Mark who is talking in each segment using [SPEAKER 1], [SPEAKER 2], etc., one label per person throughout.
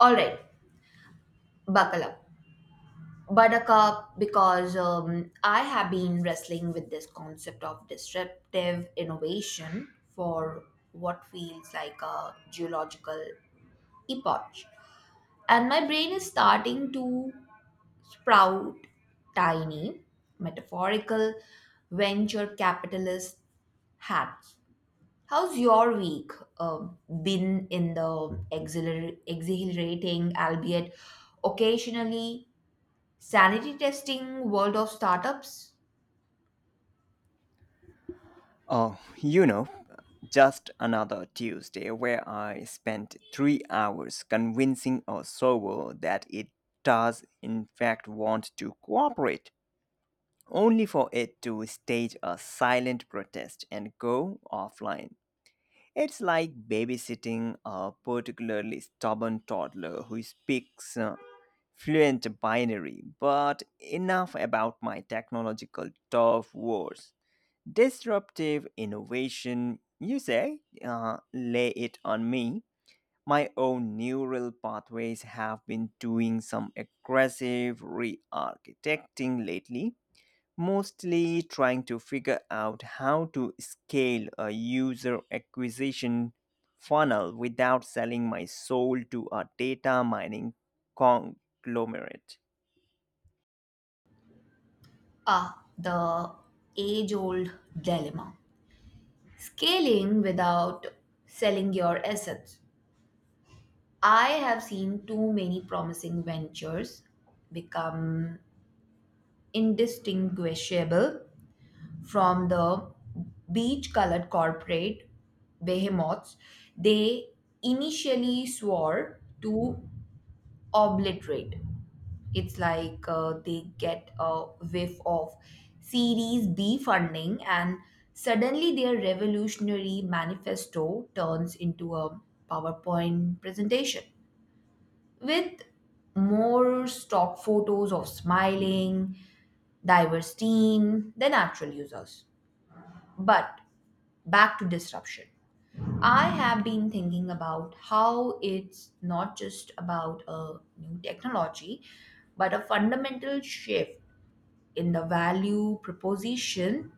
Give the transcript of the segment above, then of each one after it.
[SPEAKER 1] All right, buckle up. Buttercup, because I have been wrestling with this concept of disruptive innovation for what feels like a geological epoch. And my brain is starting to sprout tiny, metaphorical venture capitalist hats. How's your week uh, been in the exhilarating, albeit occasionally sanity testing world of startups?
[SPEAKER 2] Oh, you know, just another Tuesday where I spent 3 hours convincing a server that it does, in fact, want to cooperate, only for it to stage a silent protest and go offline. It's like babysitting a particularly stubborn toddler who speaks fluent binary, but enough about my technological tough wars. Disruptive innovation, you say? Lay it on me. My own neural pathways have been doing some aggressive re architecting lately, mostly trying to figure out how to scale a user acquisition funnel without selling my soul to a data mining conglomerate.
[SPEAKER 1] Ah, the age old dilemma. Scaling without selling your assets. I have seen too many promising ventures become indistinguishable from the beach colored corporate behemoths they initially swore to obliterate. It's like they get a whiff of Series B funding, and suddenly their revolutionary manifesto turns into a PowerPoint presentation with more stock photos of smiling, diverse team than actual users. But back to disruption. I have been thinking about how it's not just about a new technology, but a fundamental shift in the value proposition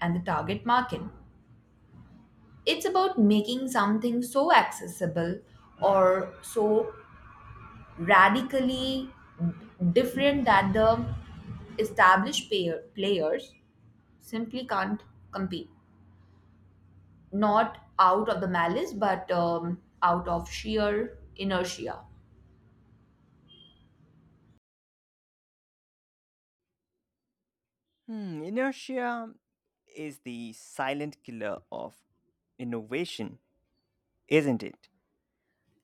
[SPEAKER 1] and the target market. It's about making something so accessible or so radically different that the established players simply can't compete. Not out of the malice, but out of sheer inertia.
[SPEAKER 2] Hmm, inertia is the silent killer of innovation, isn't it?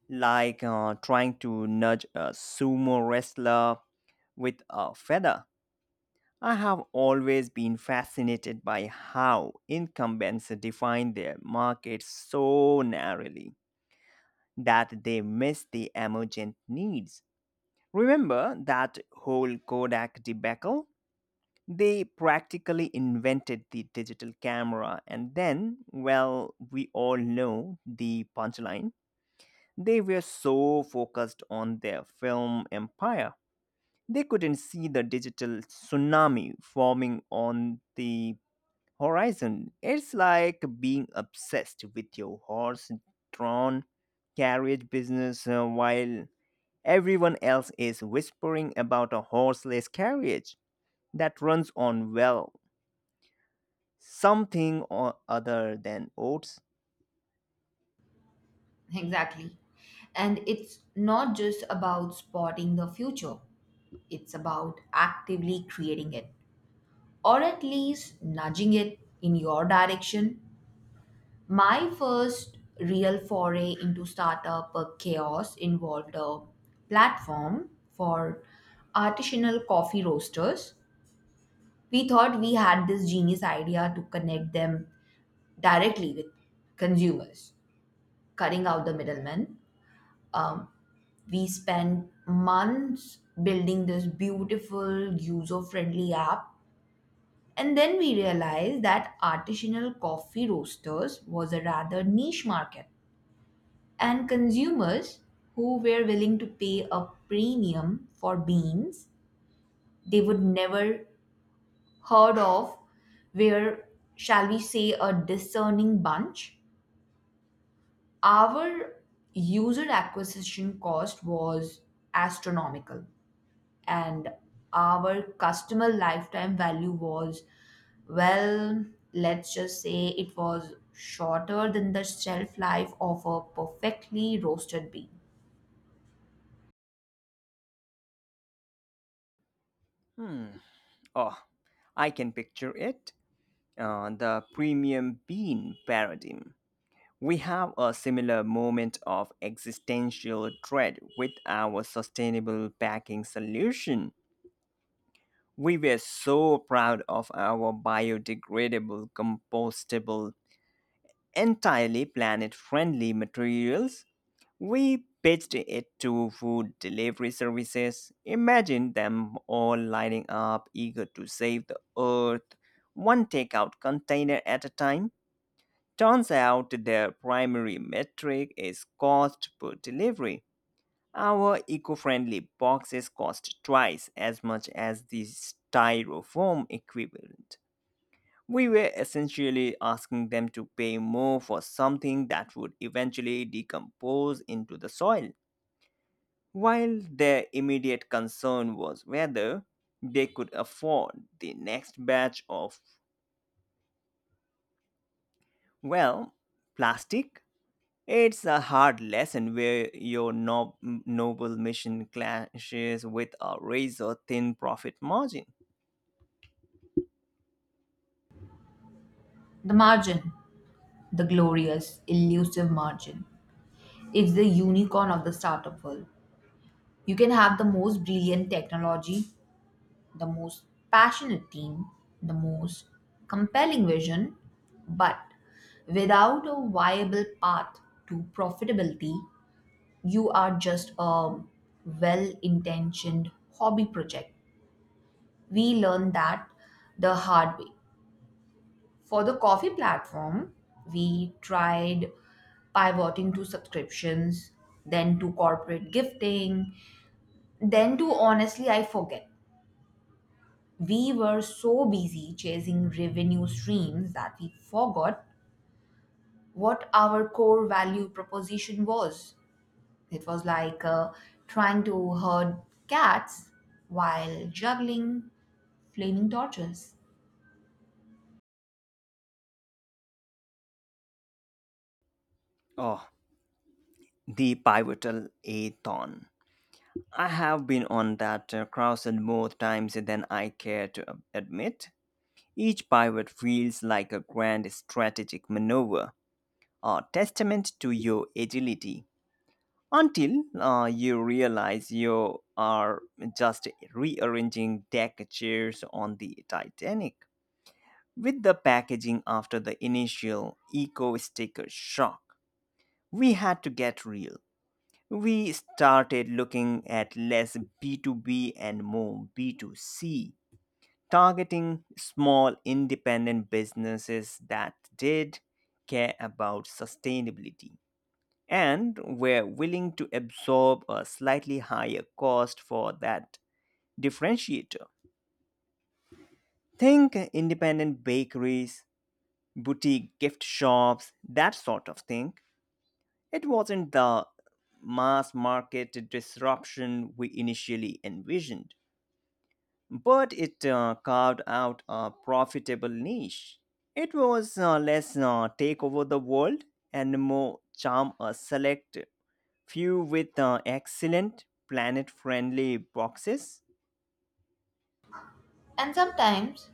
[SPEAKER 2] Like trying to nudge a sumo wrestler with a feather. I have always been fascinated by how incumbents define their markets so narrowly that they miss the emergent needs. Remember that whole Kodak debacle? They practically invented the digital camera, and then, well, we all know the punchline. They were so focused on their film empire, they couldn't see the digital tsunami forming on the horizon. It's like being obsessed with your horse drawn carriage business while everyone else is whispering about a horseless carriage that runs on, well, something or other than oats.
[SPEAKER 1] Exactly. And it's not just about spotting the future, it's about actively creating it, or at least nudging it in your direction. My first real foray into startup chaos involved a platform for artisanal coffee roasters. We thought we had this genius idea to connect them directly with consumers, cutting out the middlemen. Um, we spent months building this beautiful user friendly app. And then we realized that artisanal coffee roasters was a rather niche market, and consumers who were willing to pay a premium for beans they would never heard of were, shall we say, a discerning bunch. Our user acquisition cost was astronomical, and our customer lifetime value was, well, let's just say it was shorter than the shelf life of a perfectly roasted bean.
[SPEAKER 2] Hmm. Oh, I can picture it. The premium bean paradigm. We have a similar moment of existential dread with our sustainable packing solution. We were so proud of our biodegradable, compostable, entirely planet friendly materials. We pitched it to food delivery services. Imagine them all lining up, eager to save the earth, one takeout container at a time. Turns out their primary metric is cost per delivery. Our eco friendly boxes cost twice as much as the styrofoam equivalent. We were essentially asking them to pay more for something that would eventually decompose into the soil while their immediate concern was whether they could afford the next batch of, well, plastic. It's a hard lesson where your noble mission clashes with a razor thin profit margin.
[SPEAKER 1] The margin, the glorious, elusive margin, it's the unicorn of the startup world. You can have the most brilliant technology, the most passionate team, the most compelling vision, but without a viable path to profitability, you are just a well intentioned hobby project. We learned that the hard way. For the coffee platform, we tried pivoting to subscriptions, then to corporate gifting, then to honestly, I forget. We were so busy chasing revenue streams that we forgot what our core value proposition was. It was like trying to herd cats while juggling flaming torches.
[SPEAKER 2] Oh, the pivotal athon. I have been on that crossroad more times than I care to admit. Each pivot feels like a grand strategic maneuver, a testament to your agility, until you realize you are just rearranging deck chairs on the Titanic. With the packaging after the initial eco sticker shock, we had to get real. We started looking at less B2B and more B2C targeting small independent businesses that did care about sustainability and were willing to absorb a slightly higher cost for that differentiator. Think independent bakeries, boutique gift shops, that sort of thing. It wasn't the mass market disruption we initially envisioned, but it carved out a profitable niche. It was less take over the world and more charm a select few with excellent planet friendly boxes.
[SPEAKER 1] And sometimes,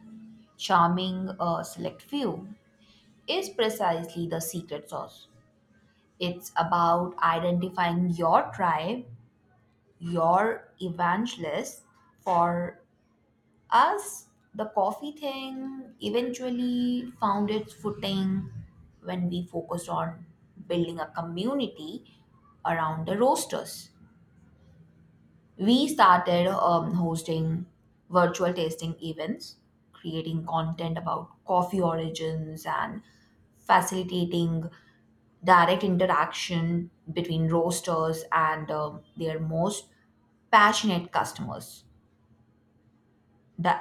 [SPEAKER 1] charming a select few is precisely the secret sauce. It's about identifying your tribe, your evangelist. For us, the coffee thing eventually found its footing when we focused on building a community around the roasters. We started hosting virtual tasting events, creating content about coffee origins and facilitating direct interaction between roasters and their most passionate customers. The